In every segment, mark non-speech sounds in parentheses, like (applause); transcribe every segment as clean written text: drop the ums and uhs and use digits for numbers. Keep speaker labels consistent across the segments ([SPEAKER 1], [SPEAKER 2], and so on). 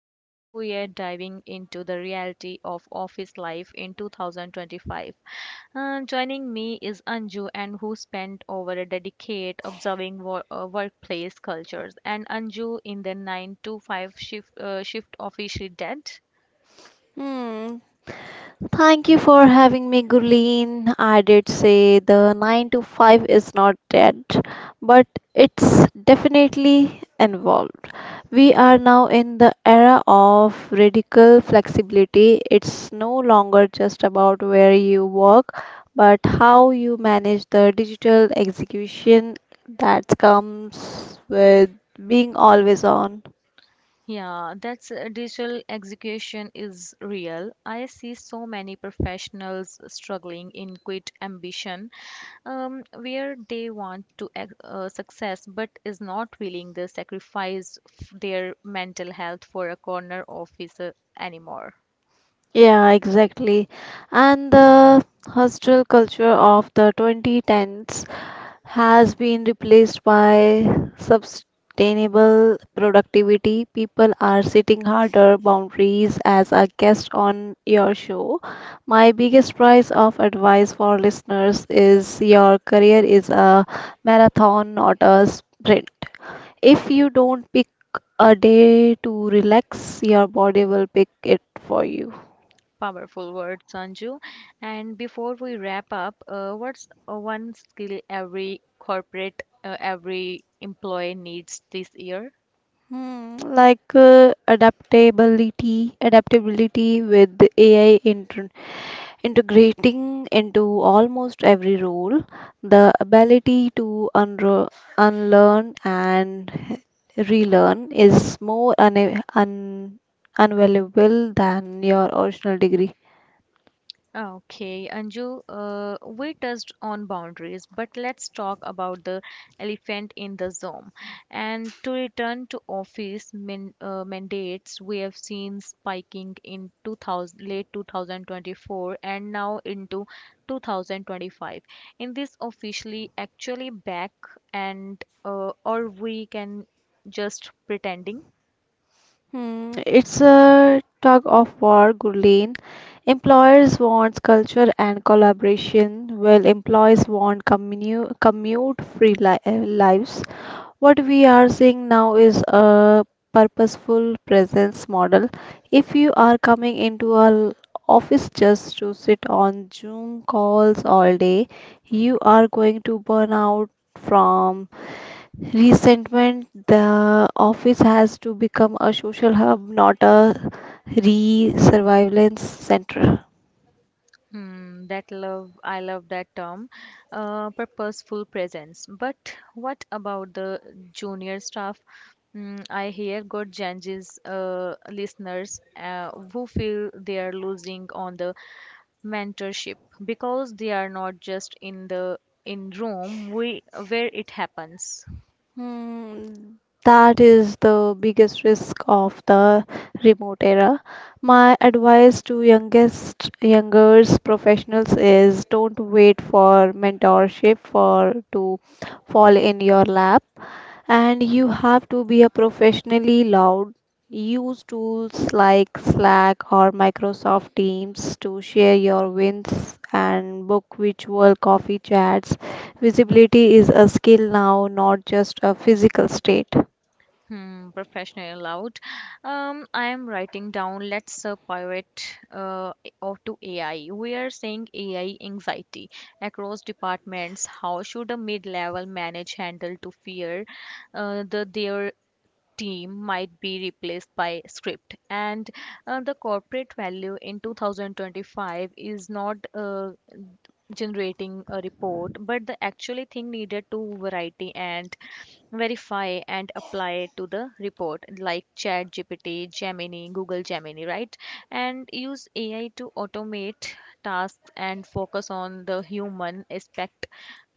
[SPEAKER 1] and today we are diving into the reality of office life in 2025. Joining me is Anju and who spent over a decade observing workplace cultures. And Anju, in the 9 to 5 shift, officially dead.
[SPEAKER 2] Hmm. Thank you for having me, Gurleen. I did say the 9 to 5 is not dead, but it's definitely involved. We are now in the era of radical flexibility. It's no longer just about where you work, but how you manage the digital execution that comes with being always on.
[SPEAKER 1] Yeah, that's digital execution is real. I see so many professionals struggling in quit ambition, where they want to success but is not willing to sacrifice their mental health for a corner office anymore.
[SPEAKER 2] Yeah, exactly. And the hostile culture of the 2010s has been replaced by sustainable productivity. People are setting harder boundaries as a guest on your show. My biggest prize of advice for listeners is your career is a marathon, not a sprint. If you don't pick a day to relax, your body will pick it for you.
[SPEAKER 1] Powerful words, Anju. And before we wrap up, what's one skill every employee needs this year?
[SPEAKER 2] Hmm, like adaptability, with AI inter integrating into almost every role, the ability to unro unlearn and relearn is more un un unvaluable than your original degree.
[SPEAKER 1] Okay, Anju, we touched on boundaries, but let's talk about the elephant in the room. And to return to office mandates, we have seen spiking in 2000, late 2024 and now into 2025. In this officially actually back and or we can just pretending?
[SPEAKER 2] Hmm, it's a tug of war, Gurleen. Employers want culture and collaboration, while employees want commute free li lives. What we are seeing now is a purposeful presence model. If you are coming into an office just to sit on Zoom calls all day, you are going to burn out from resentment, the office has to become a social hub, not a re surveillance center.
[SPEAKER 1] I love that term, purposeful presence. But what about the junior staff? I hear good changes, listeners, who feel they are losing on the mentorship because they are not just in the in room where it happens.
[SPEAKER 2] Hmm, that is the biggest risk of the remote era. My advice to youngest youngers professionals is don't wait for mentorship for to fall in your lap, and you have to be a professionally loud. Use tools like Slack or Microsoft Teams to share your wins and book virtual coffee chats. Visibility is a skill now, not just a physical state.
[SPEAKER 1] Professional allowed. I am writing down. Let's pivot uh, off to AI. We are seeing AI anxiety across departments. How should a mid-level manage handle to fear, their team might be replaced by script? And the corporate value in 2025 is not generating a report but the actually thing needed to variety and verify and apply to the report, like chat gpt gemini google gemini, right? And use ai to automate tasks and focus on the human aspect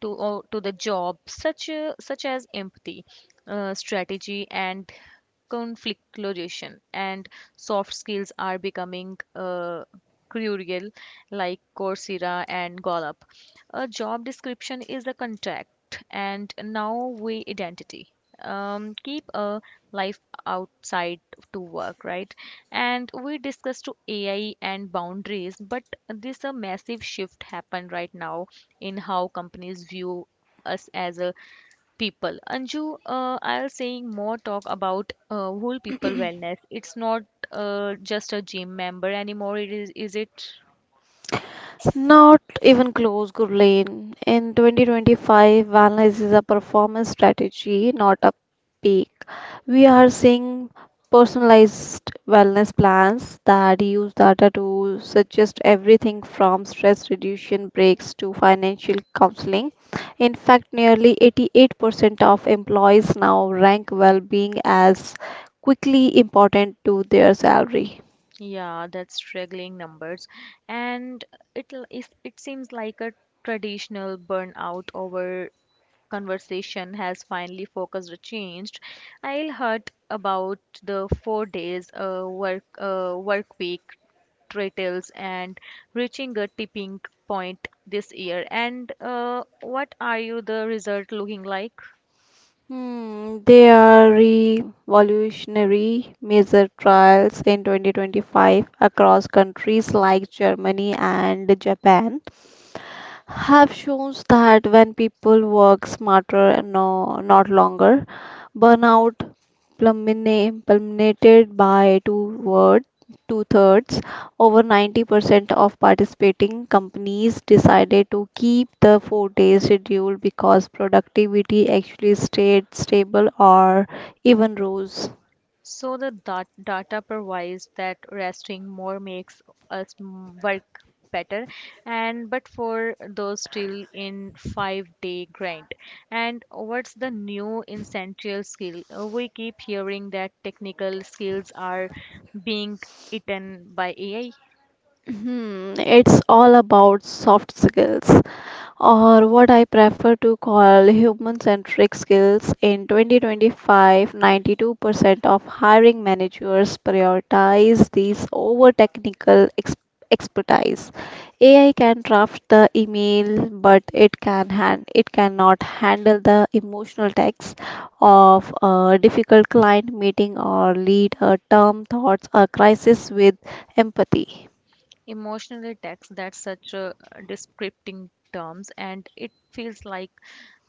[SPEAKER 1] to or to the job, such as empathy, strategy and conflict resolution. And soft skills are becoming crucial, like coursera and gallup. A job description is the contract and now we identity, keep a life outside to work, right? And we discussed to ai and boundaries, but this a massive shift happened right now in how companies view us as a people. Anju, I'll saying more talk about whole people wellness. It's not just a gym member anymore. It is it?
[SPEAKER 2] Not even close, Gurleen. In 2025, wellness is a performance strategy, not a peak. We are seeing personalized wellness plans that use data to suggest everything from stress reduction breaks to financial counseling. In fact, nearly 88% of employees now rank well being as quickly important to their salary.
[SPEAKER 1] Yeah, that's struggling numbers, and it seems like a traditional burnout over conversation has finally focused or changed. I'll heard about the 4 days work week titles and reaching a tipping point this year. And what are you the result looking like?
[SPEAKER 2] Hmm, there are revolutionary major trials in 2025 across countries like Germany and Japan have shows that when people work smarter and no, not longer, burnout plummeted by two thirds. Over 90% of participating companies decided to keep the 4-day schedule because productivity actually stayed stable or even rose.
[SPEAKER 1] So the data provides that resting more makes us work better. And but for those still in 5 day grind, and what's the new essential skill? We keep hearing that technical skills are being eaten by ai.
[SPEAKER 2] Hmm, it's all about soft skills, or what I prefer to call human centric skills. In 2025, 92% of hiring managers prioritize these over technical expertise. AI can draft the email, but it cannot handle the emotional text of a difficult client meeting or lead a term thoughts a crisis with empathy.
[SPEAKER 1] Emotionally tax, that's such a descripting terms, and it feels like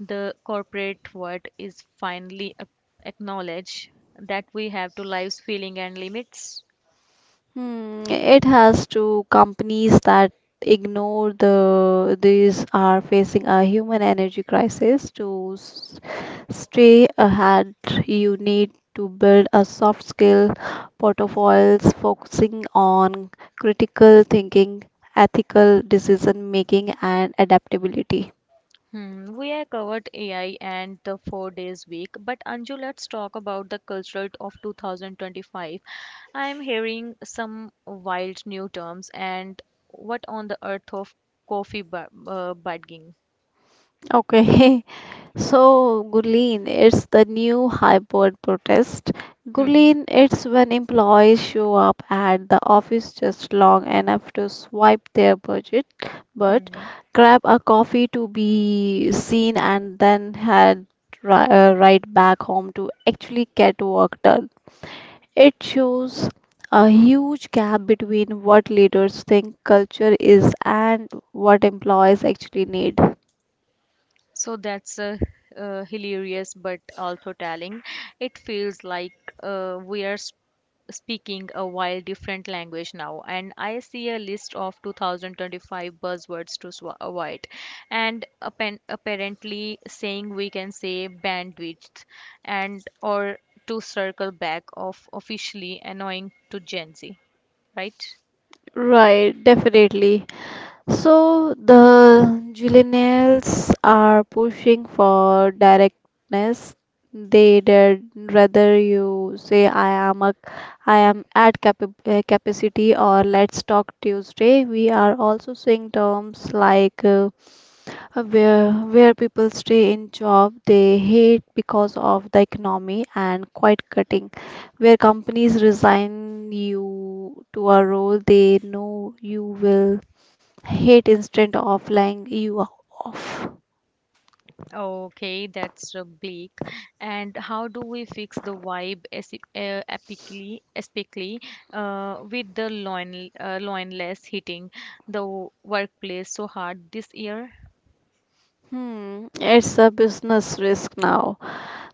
[SPEAKER 1] the corporate world is finally acknowledge that we have to lives feeling and limits.
[SPEAKER 2] Hmm, it has to companies that ignore these are facing a human energy crisis. To s- stay ahead, you need to build a soft skill portfolios focusing on critical thinking, ethical decision making, and adaptability.
[SPEAKER 1] Hmm, we have covered AI and the 4 days week, but Anju, let's talk about the cultural of 2025. I am hearing some wild new terms and what on the earth of coffee bugging.
[SPEAKER 2] Okay. (laughs) So, Gurleen, it's the new hybrid protest.
[SPEAKER 1] Hmm,
[SPEAKER 2] Gurleen, it's when employees show up at the office just long enough to swipe their budget, but
[SPEAKER 1] hmm.
[SPEAKER 2] grab a coffee to be seen and then head right back home to actually get work done. It shows a huge gap between what leaders think culture is and what employees actually need.
[SPEAKER 1] So that's hilarious, but also telling. It feels like, we are speaking a wild different language now, and I see a list of 2025 buzzwords to avoid, and apparently saying we can say bandwidth, and or to circle back of officially annoying to Gen Z, right?
[SPEAKER 2] Right, definitely. So the Jillianals are pushing for directness. They did rather you say I am at capacity, or let's talk Tuesday. We are also seeing terms like where people stay in job they hate because of the economy, and quite cutting, where companies resign you to a role they know you will hit instead of laying you off.
[SPEAKER 1] Okay, that's bleak. And how do we fix the vibe epically, with the loinless hitting the workplace so hard this year?
[SPEAKER 2] Hmm, it's a business risk now,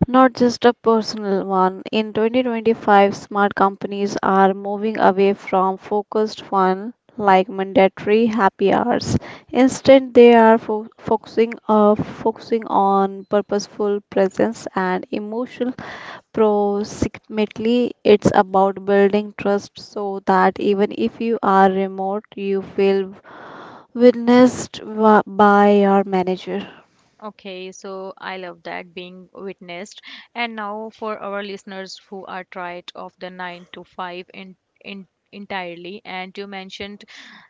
[SPEAKER 2] not just a personal one. In 2025, smart companies are moving away from focused fun like mandatory happy hours. Instead, they are focusing on purposeful presence and emotional proximity. It's about building trust so that even if you are remote, you feel witnessed by your manager.
[SPEAKER 1] Okay, so I love that being witnessed. And now for our listeners who are tired of the 9 to 5 in entirely, and you mentioned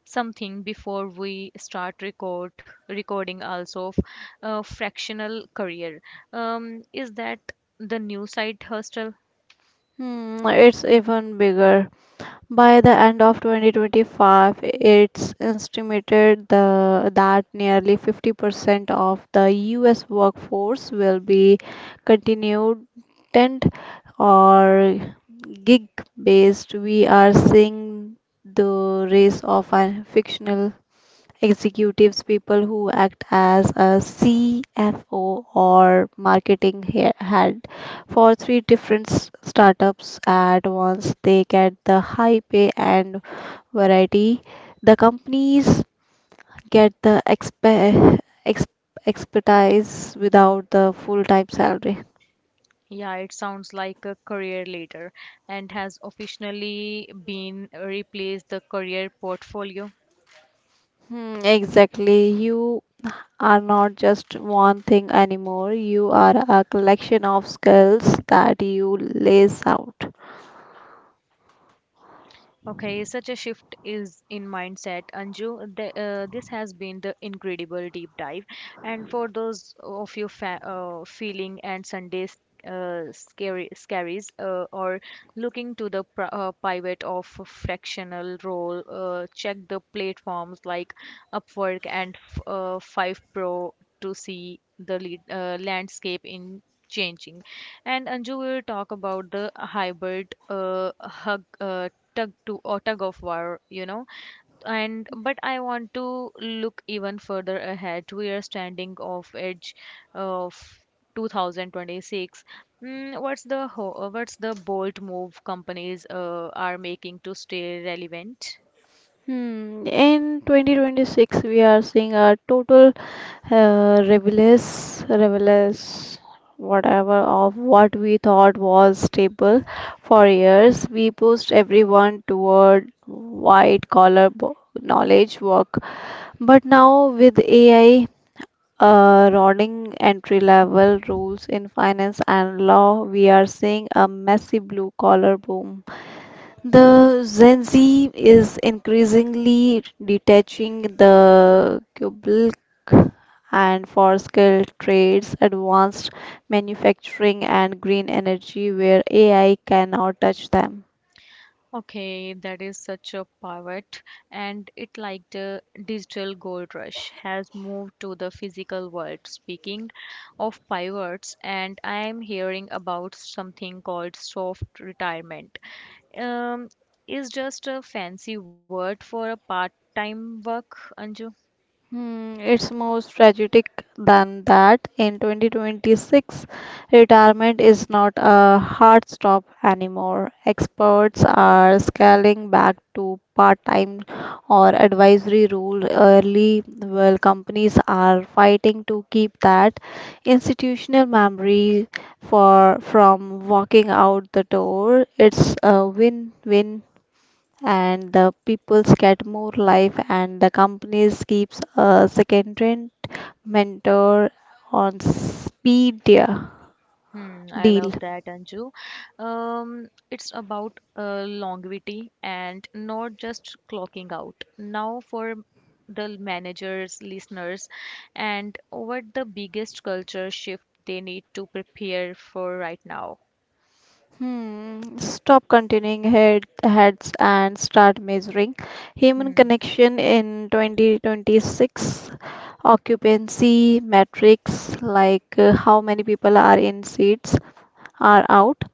[SPEAKER 1] something before we start recording also of fractional career. Is that the new side hustle?
[SPEAKER 2] Hmm, it's even bigger. By the end of 2025, it's estimated that nearly 50% of the US workforce will be continued tent or gig based. We are seeing the rise of a fictional executives, people who act as a CFO or marketing head for three different startups at once. They get the high pay and variety. The companies get the ex- expertise without the full-time salary.
[SPEAKER 1] Yeah, it sounds like a career leader and has officially been replaced the career portfolio.
[SPEAKER 2] Hmm, exactly. You are not just one thing anymore. You are a collection of skills that you lace out.
[SPEAKER 1] Okay, such a shift is in mindset, Anju. This has been the incredible deep dive. And for those of you feeling and Sundays scary scaries or looking to the pivot of fractional role, check the platforms like Upwork and Five Pro to see the landscape in changing. And Anju will talk about the hybrid hug. Tug to or tug of war. And but I want to look even further ahead, we are standing off edge of 2026. What's the bold move companies are making to stay relevant?
[SPEAKER 2] Hmm. In 2026, we are seeing a total rebellious, whatever of what we thought was stable for years. We pushed everyone toward white collar knowledge work, but now with AI running entry level roles in finance and law, we are seeing a massive blue collar boom. The Gen Z is increasingly detaching the cubicle and for skilled trades, advanced manufacturing, and green energy where AI cannot touch them.
[SPEAKER 1] Okay, that is such a pivot, and it like the digital gold rush has moved to the physical world. Speaking of pivots, and I am hearing about something called soft retirement. Um, is just a fancy word for a part-time work, Anju?
[SPEAKER 2] Hmm, it's more tragic than that. In 2026, retirement is not a hard stop anymore. Experts are scaling back to part-time or advisory rule early, while companies are fighting to keep that institutional memory for from walking out the door. It's a win-win, and the peoples get more life and the companies keeps a second rent mentor on speed deal.
[SPEAKER 1] I love that, Anju. It's about longevity and not just clocking out. Now, for the managers, listeners, and what the biggest culture shift they need to prepare for right now.
[SPEAKER 2] Hmm, stop continuing heads and start measuring human
[SPEAKER 1] Hmm.
[SPEAKER 2] connection in 2026. Occupancy metrics like how many people are in seats are out.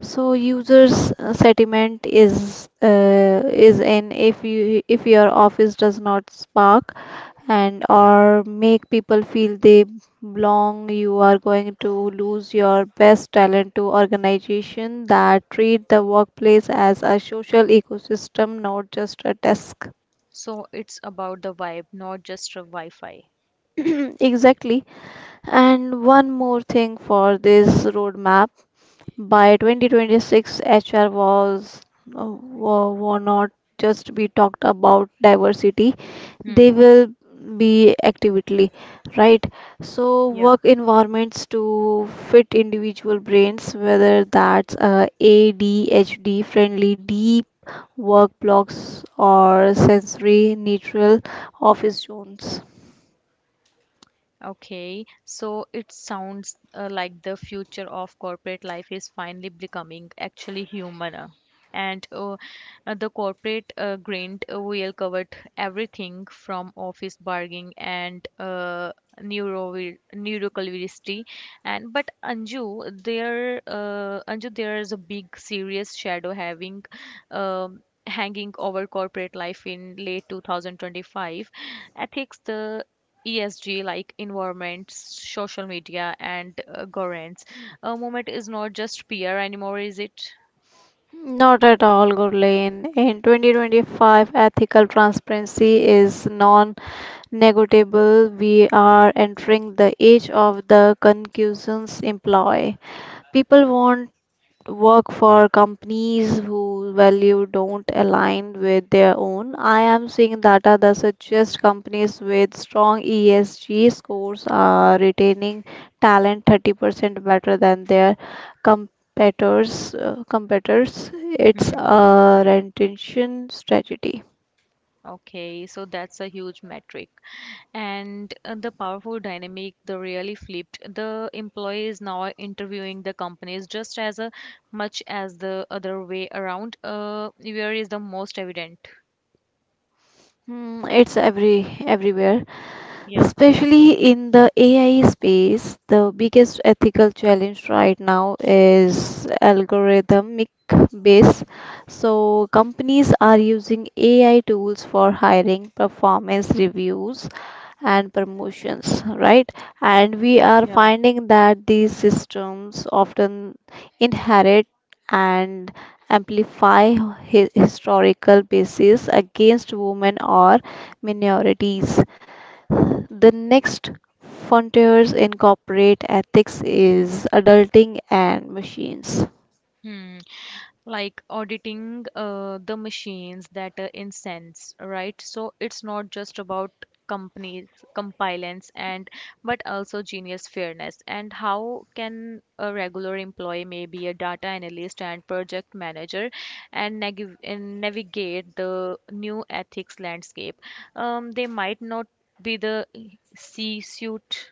[SPEAKER 2] So users sentiment is in. If your office does not spark and or make people feel they belong, you are going to lose your best talent to organization that treat the workplace as a social ecosystem, not just a desk.
[SPEAKER 1] So, it's about the vibe, not just a Wi-Fi.
[SPEAKER 2] (clears throat) Exactly. And one more thing for this roadmap. By 2026, HR will not just be talked about diversity. They
[SPEAKER 1] Hmm.
[SPEAKER 2] will be actively, right? So
[SPEAKER 1] Yeah.
[SPEAKER 2] work environments to fit individual brains, whether that's ADHD friendly, deep work blocks, or sensory neutral office zones.
[SPEAKER 1] Okay, so it sounds like the future of corporate life is finally becoming actually human. And the corporate grind will covered everything from office bargaining and neuro neuroculturality. And but Anju, there is a big serious shadow having hanging over corporate life in late 2025 ethics, the ESG, like environment, social media, and governance. A moment is not just PR anymore, is it?
[SPEAKER 2] Not at all, Gurleen. In 2025, ethical transparency is non negotiable. We are entering the age of the concussions employ. People want work for companies whose value don't align with their own. I am seeing data that suggests companies with strong ESG scores are retaining talent 30% better than their competitors. Uh, competitors. It's
[SPEAKER 1] Hmm.
[SPEAKER 2] a retention strategy.
[SPEAKER 1] Okay, so that's a huge metric. And the powerful dynamic, the really flipped. The employee is now interviewing the companies just as much as the other way around. Where is the most evident?
[SPEAKER 2] Hmm, it's everywhere,
[SPEAKER 1] Yeah,
[SPEAKER 2] especially in the AI space. The biggest ethical challenge right now is algorithmic base. So companies are using AI tools for hiring, performance reviews, and promotions, right? And we are
[SPEAKER 1] yeah.
[SPEAKER 2] finding that these systems often inherit and amplify historical basis against women or minorities. The next frontiers in corporate ethics is adulting and machines.
[SPEAKER 1] Hmm. Like auditing, the machines that incense, right? So it's not just about companies compliance, and but also genius fairness. And how can a regular employee, maybe a data analyst and project manager and navigate the new ethics landscape? They might not be the c suit.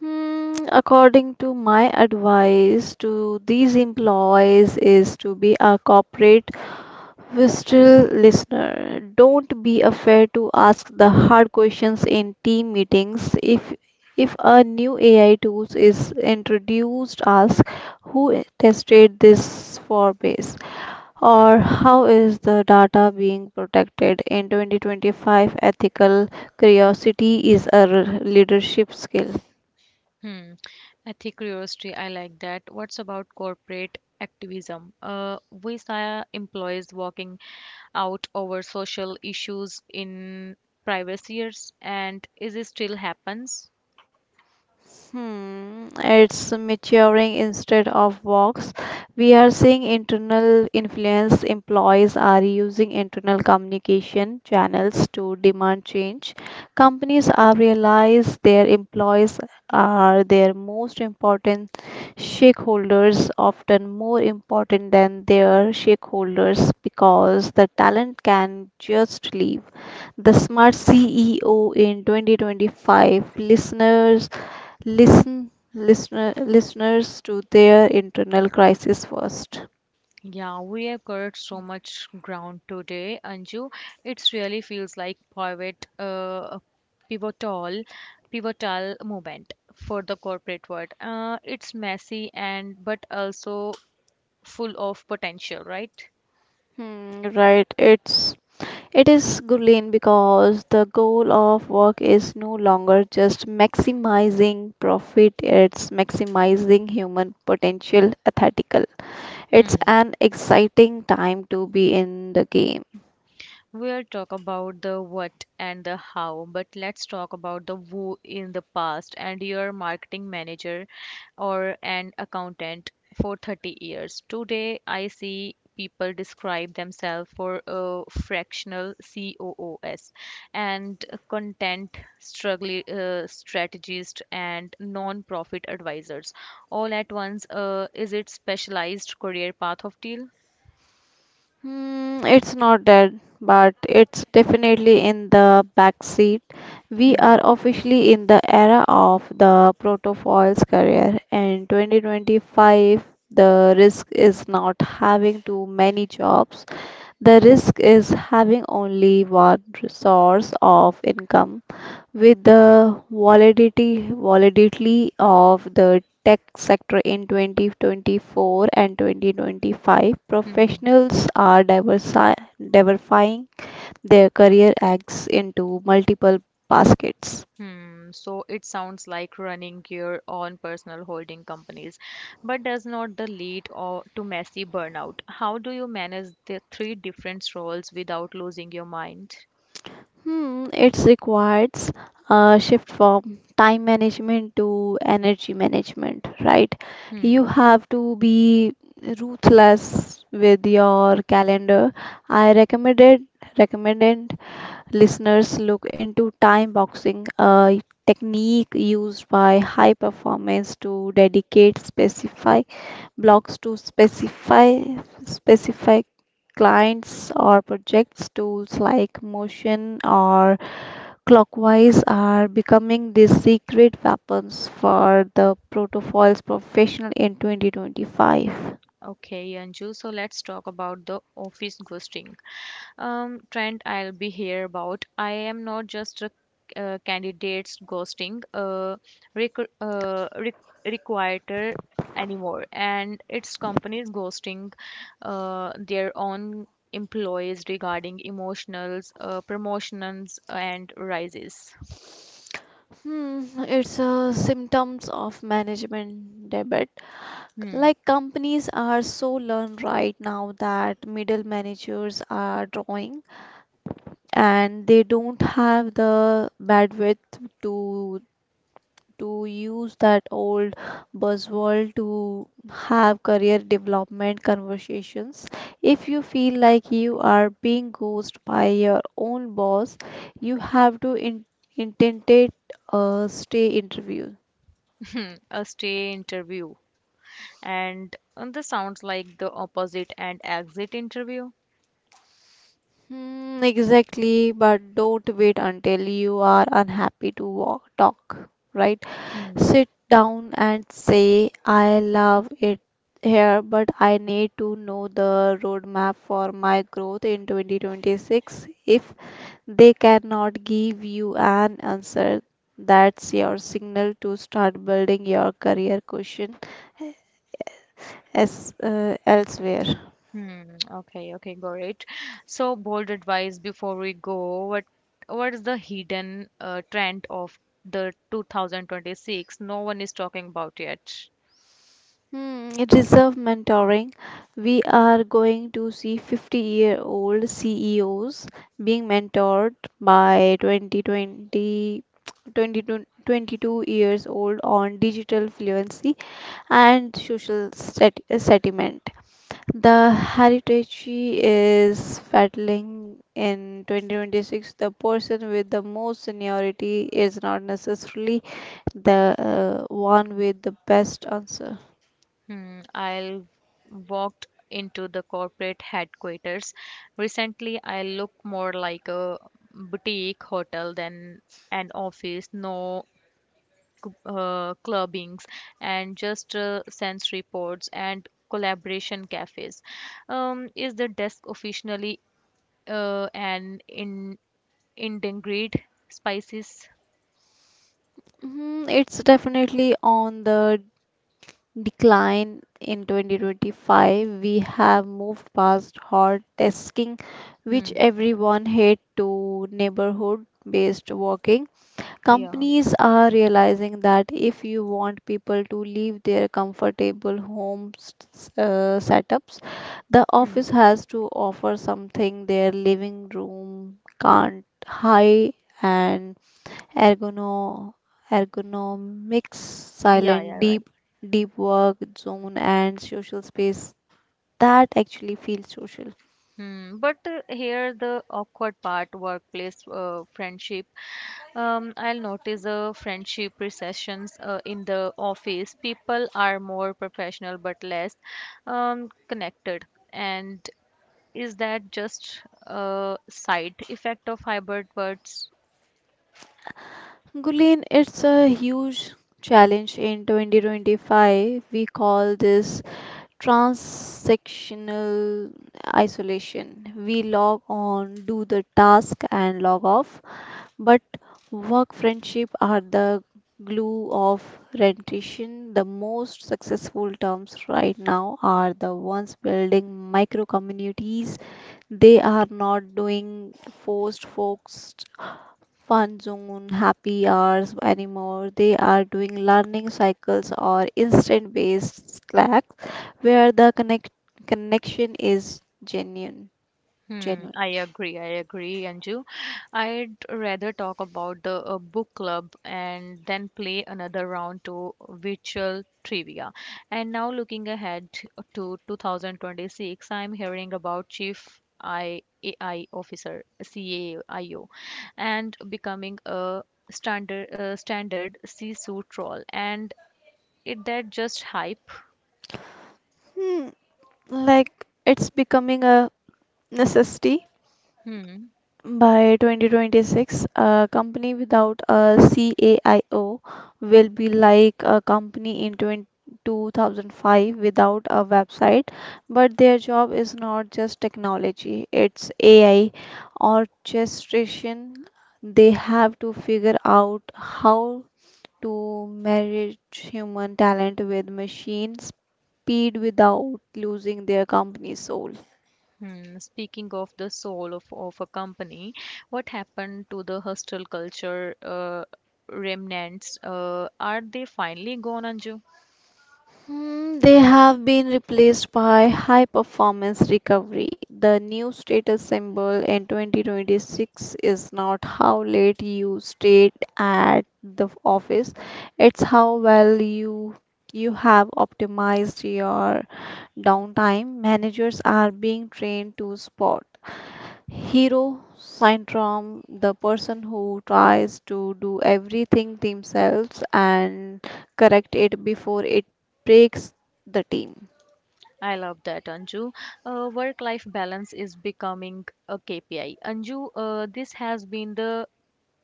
[SPEAKER 2] Hmm, according to my advice to these employees is to be a corporate whistle listener. Don't be afraid to ask the hard questions in team meetings. If a new AI tool is introduced, ask who tested this for base, or how is the data being protected. In 2025, ethical curiosity is a leadership skill.
[SPEAKER 1] Hmm. Ethic curiosity, I like that. What's about corporate activism? We saw employees walking out over social issues in previous years, and is it still happens?
[SPEAKER 2] Hmm, it's maturing. Instead of walks, we are seeing internal influence. Employees are using internal communication channels to demand change. Companies are realize their employees are their most important stakeholders, often more important than their shareholders because the talent can just leave. The Smart CEO in 2025. Listeners to their internal crisis first.
[SPEAKER 1] Yeah, we have covered so much ground today, Anju. It really feels like pivotal, pivotal moment for the corporate world. It's messy and but also full of potential, right?
[SPEAKER 2] Hmm, right, it is Gulen, because the goal of work is no longer just maximizing profit, it's maximizing human potential ethical. It's
[SPEAKER 1] Hmm.
[SPEAKER 2] an exciting time to be in the game.
[SPEAKER 1] We'll talk about the what and the how, but let's talk about the who. In the past and your marketing manager or an accountant for 30 years. Today, I see people describe themselves for a fractional COOs and content struggle, strategist and non-profit advisors all at once. Is it specialized career path of deal?
[SPEAKER 2] Hmm, it's not dead, but it's definitely in the backseat. We are
[SPEAKER 1] Hmm.
[SPEAKER 2] officially in the era of the protofoil's career. And 2025, the risk is not having too many jobs. The risk is having only one source of income with the volatility of the tech sector in 2024 and 2025,
[SPEAKER 1] Hmm.
[SPEAKER 2] professionals are diversifying their career eggs into multiple baskets.
[SPEAKER 1] So it sounds like running your own personal holding companies, but does not the lead or to messy burnout? How do you manage the three different roles without losing your mind?
[SPEAKER 2] Hmm, it requires a shift from time management to energy management, right?
[SPEAKER 1] Hmm.
[SPEAKER 2] You have to be ruthless with your calendar. I recommended listeners look into time boxing, a technique used by high performance to dedicate specific blocks to specify specific clients or projects. Tools like motion or clockwise are becoming the secret weapons for the protocols professional in 2025.
[SPEAKER 1] Okay, Anju. So let's talk about the office ghosting. Trend I'll be here about. I am not just a candidates ghosting, requ uh, re requiter anymore, and it's companies ghosting their own employees regarding emotionals, promotions, and rises.
[SPEAKER 2] Hmm, it's a symptoms of management debit.
[SPEAKER 1] Hmm.
[SPEAKER 2] Like companies are so learned right now that middle managers are drawing and they don't have the bandwidth to to use that old buzzword to have career development conversations. If you feel like you are being ghosted by your own boss, you have to in intended stay interviews.
[SPEAKER 1] (laughs) A stay interview, and this sounds like the opposite and exit interview.
[SPEAKER 2] Hmm, exactly, but don't wait until you are unhappy to talk, right?
[SPEAKER 1] Hmm.
[SPEAKER 2] Sit down and say, I love it here, but I need to know the roadmap for my growth in 2026. If they cannot give you an answer, that's your signal to start building your career cushion elsewhere.
[SPEAKER 1] Hmm. Okay. Okay. Great. So, bold advice before we go. What is the hidden trend of the 2026? No one is talking about yet.
[SPEAKER 2] Hmm, reserve mentoring. We are going to see 50-year-old CEOs being mentored by 2020, 20 twenty to 22 years old on digital fluency and social settlement. The heritage is battling in 2026. The person with the most seniority is not necessarily the one with the best answer.
[SPEAKER 1] Hmm. I'll walked into the corporate headquarters. Recently, I look more like a boutique hotel than an office. No clubbings, and just sense reports and collaboration cafes. Is the desk officially an in integrate spices?
[SPEAKER 2] Mhm, it's definitely on the decline in 2025. We have moved past hard tasking, which
[SPEAKER 1] Hmm.
[SPEAKER 2] everyone hate, to neighborhood based working.
[SPEAKER 1] Yeah.
[SPEAKER 2] Companies are realizing that if you want people to leave their comfortable homes setups, the office
[SPEAKER 1] Hmm.
[SPEAKER 2] has to offer something their living room can't high and ergono- ergonomics,
[SPEAKER 1] Yeah.
[SPEAKER 2] silent,
[SPEAKER 1] Yeah. Right.
[SPEAKER 2] deep work zone, and social space that actually feels social.
[SPEAKER 1] Hmm. But here the awkward part, workplace friendship. I'll notice a friendship recessions in the office. People are more professional but less, connected. And is that just a side effect of hybrid birds?
[SPEAKER 2] Gulin, it's a huge challenge in 2025. We call this transactional isolation. We log on, do the task, and log off. But work friendship are the glue of rendition. The most successful terms right now are the ones building micro communities. They are not doing forced focused fun zone happy hours anymore. They are doing learning cycles or instant based Slack where the connection is genuine genuine.
[SPEAKER 1] I agree. I agree, Anju. I'd rather talk about the book club and then play another round to virtual trivia. And now, looking ahead to 2026, I'm hearing about Chief IAI Officer (CAIO) and becoming a standard C-suit role. And is that just hype?
[SPEAKER 2] Hmm, like it's becoming a necessity.
[SPEAKER 1] Hmm.
[SPEAKER 2] By 2026, a company without a CAIO will be like a company in 20 2005 without a website. But their job is not just technology, it's AI orchestration. They have to figure out how to marriage human talent with machine speed without losing their company soul.
[SPEAKER 1] Speaking of the soul of a company, what happened to the hostel culture remnants? Are they finally gone, Anju?
[SPEAKER 2] Hmm, they have been replaced by high performance recovery. The new status symbol in 2026 is not how late you stayed at the office, it's how well you have optimized your downtime. Managers are being trained to spot Hero syndrome, the person who tries to do everything themselves and correct it before it breaks the team.
[SPEAKER 1] I love that, Anju. Work-life balance is becoming a KPI. Anju, this has been the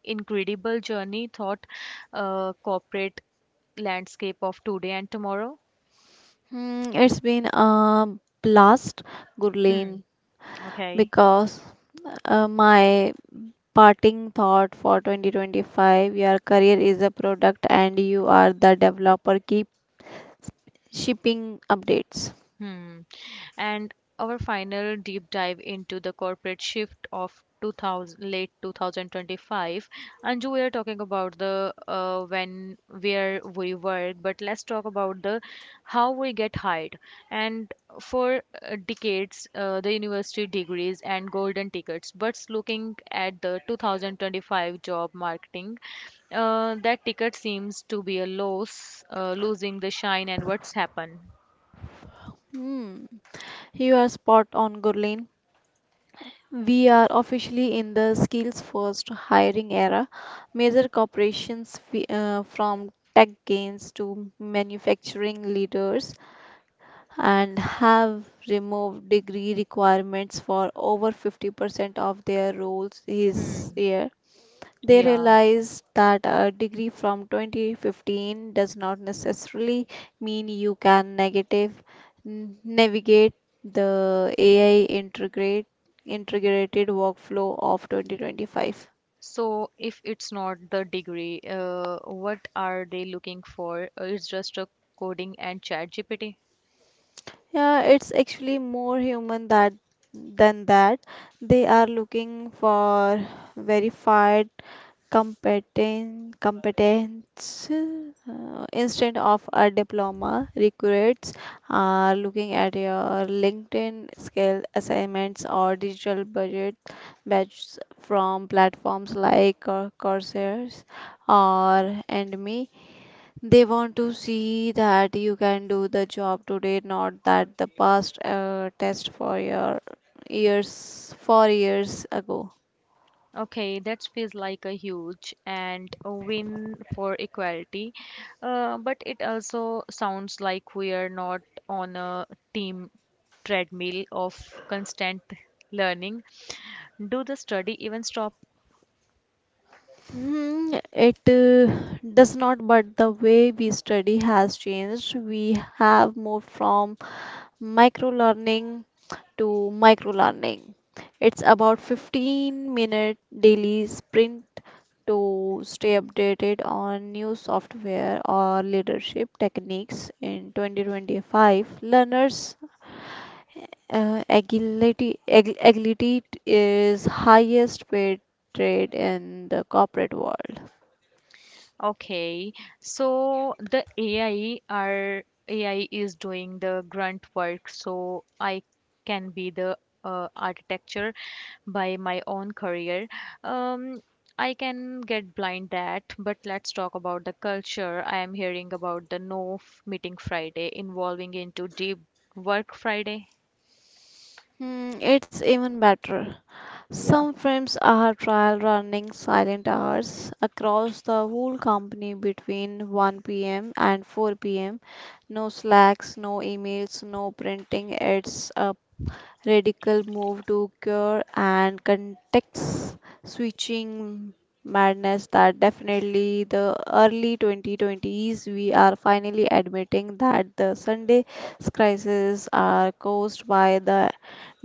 [SPEAKER 1] incredible journey thought corporate landscape of today and tomorrow.
[SPEAKER 2] Hmm, it's been a blast,
[SPEAKER 1] Hmm.
[SPEAKER 2] Gurleen,
[SPEAKER 1] Okay.
[SPEAKER 2] because my parting thought for 2025, your career is a product and you are the developer. Keep shipping updates.
[SPEAKER 1] Hmm. And our final deep dive into the corporate shift of 2000, late 2025. Anju, we are talking about the when where we work, but let's talk about the how we get hired. And for decades, the university degrees and golden tickets. But looking at the 2025 job marketing, that ticket seems to be losing the shine and what's happened.
[SPEAKER 2] Hmm, you are spot on, Gurleen. We are officially in the skills first hiring era. Major corporations from tech giants to manufacturing leaders and have removed degree requirements for over 50% of their roles this
[SPEAKER 1] Hmm.
[SPEAKER 2] year. They
[SPEAKER 1] Yeah.
[SPEAKER 2] realize that a degree from 2015 does not necessarily mean you can navigate the AI integrated workflow of 2025.
[SPEAKER 1] So if it's not the degree, what are they looking for? It's just a coding and chat GPT.
[SPEAKER 2] Yeah, it's actually more human that than that. They are looking for verified competence instead of a diploma. Recruits are looking at your linkedin skill assignments or digital budget badges from platforms like coursera or Udemy. They want to see that you can do the job today, not that the past test for your years 4 years ago.
[SPEAKER 1] Okay, that feels like a huge and a win for equality. But it also sounds like we are not on a team treadmill of constant learning. Do the study even stop?
[SPEAKER 2] It does not, but the way we study has changed. We have moved from micro learning to micro learning. It's about 15-minute daily sprint to stay updated on new software or leadership techniques. In 2025, learners' agility, agility is highest paid trade in the corporate world.
[SPEAKER 1] Okay, so the AI is doing the grunt work, so I can be the architecture by my own career. Um, I can get blind that, but let's talk about the culture. I am hearing about the no meeting Friday involving into deep work Friday.
[SPEAKER 2] Hmm, it's even better.
[SPEAKER 1] Yeah.
[SPEAKER 2] Some films are trial running silent hours across the whole company between 1 p.m. and 4 p.m. No slacks, no emails, no printing. It's a radical move to cure and context switching madness that definitely the early 2020s. We are finally admitting that the sunday crises are caused by the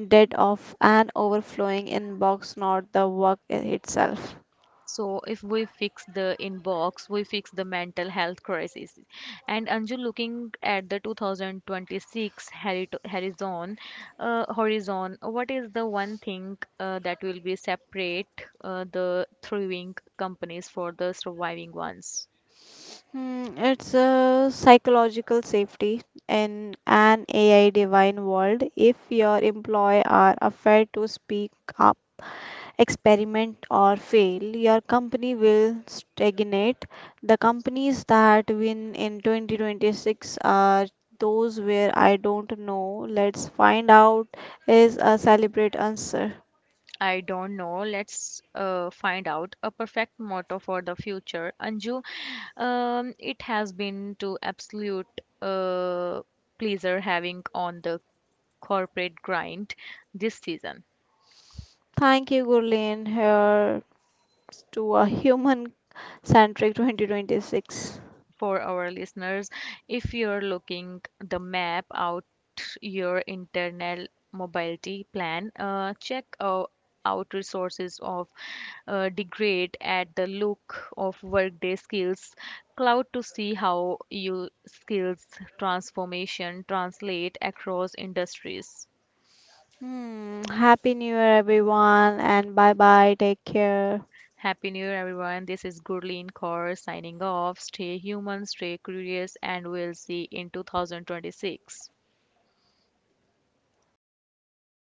[SPEAKER 2] debt of an overflowing inbox, not the work itself.
[SPEAKER 1] So if we fix the inbox, we fix the mental health crisis. And Anju, looking at the 2026 horizon, what is the one thing that will be separate the thriving companies for the surviving ones?
[SPEAKER 2] Hmm, it's a psychological safety in an AI divine world. If your employee are afraid to speak up, experiment or fail, your company will stagnate. The companies that win in 2026 are those where "I don't know. Let's find out" is a celebrate answer.
[SPEAKER 1] I don't know. Let's find out, a perfect motto for the future. Anju, it has been to absolute uh, pleasure having on the corporate grind this season.
[SPEAKER 2] Thank you, Gurleen, here to a human centric 2026.
[SPEAKER 1] For our listeners, if you're looking the map out your internal mobility plan, check out resources of degrade at the look of workday skills cloud to see how your skills transformation translate across industries.
[SPEAKER 2] Hmm, Happy New Year, everyone, and bye bye. Take care.
[SPEAKER 1] Happy New Year, everyone. This is Gurleen Kaur signing off. Stay human, stay curious, and we'll see in 2026.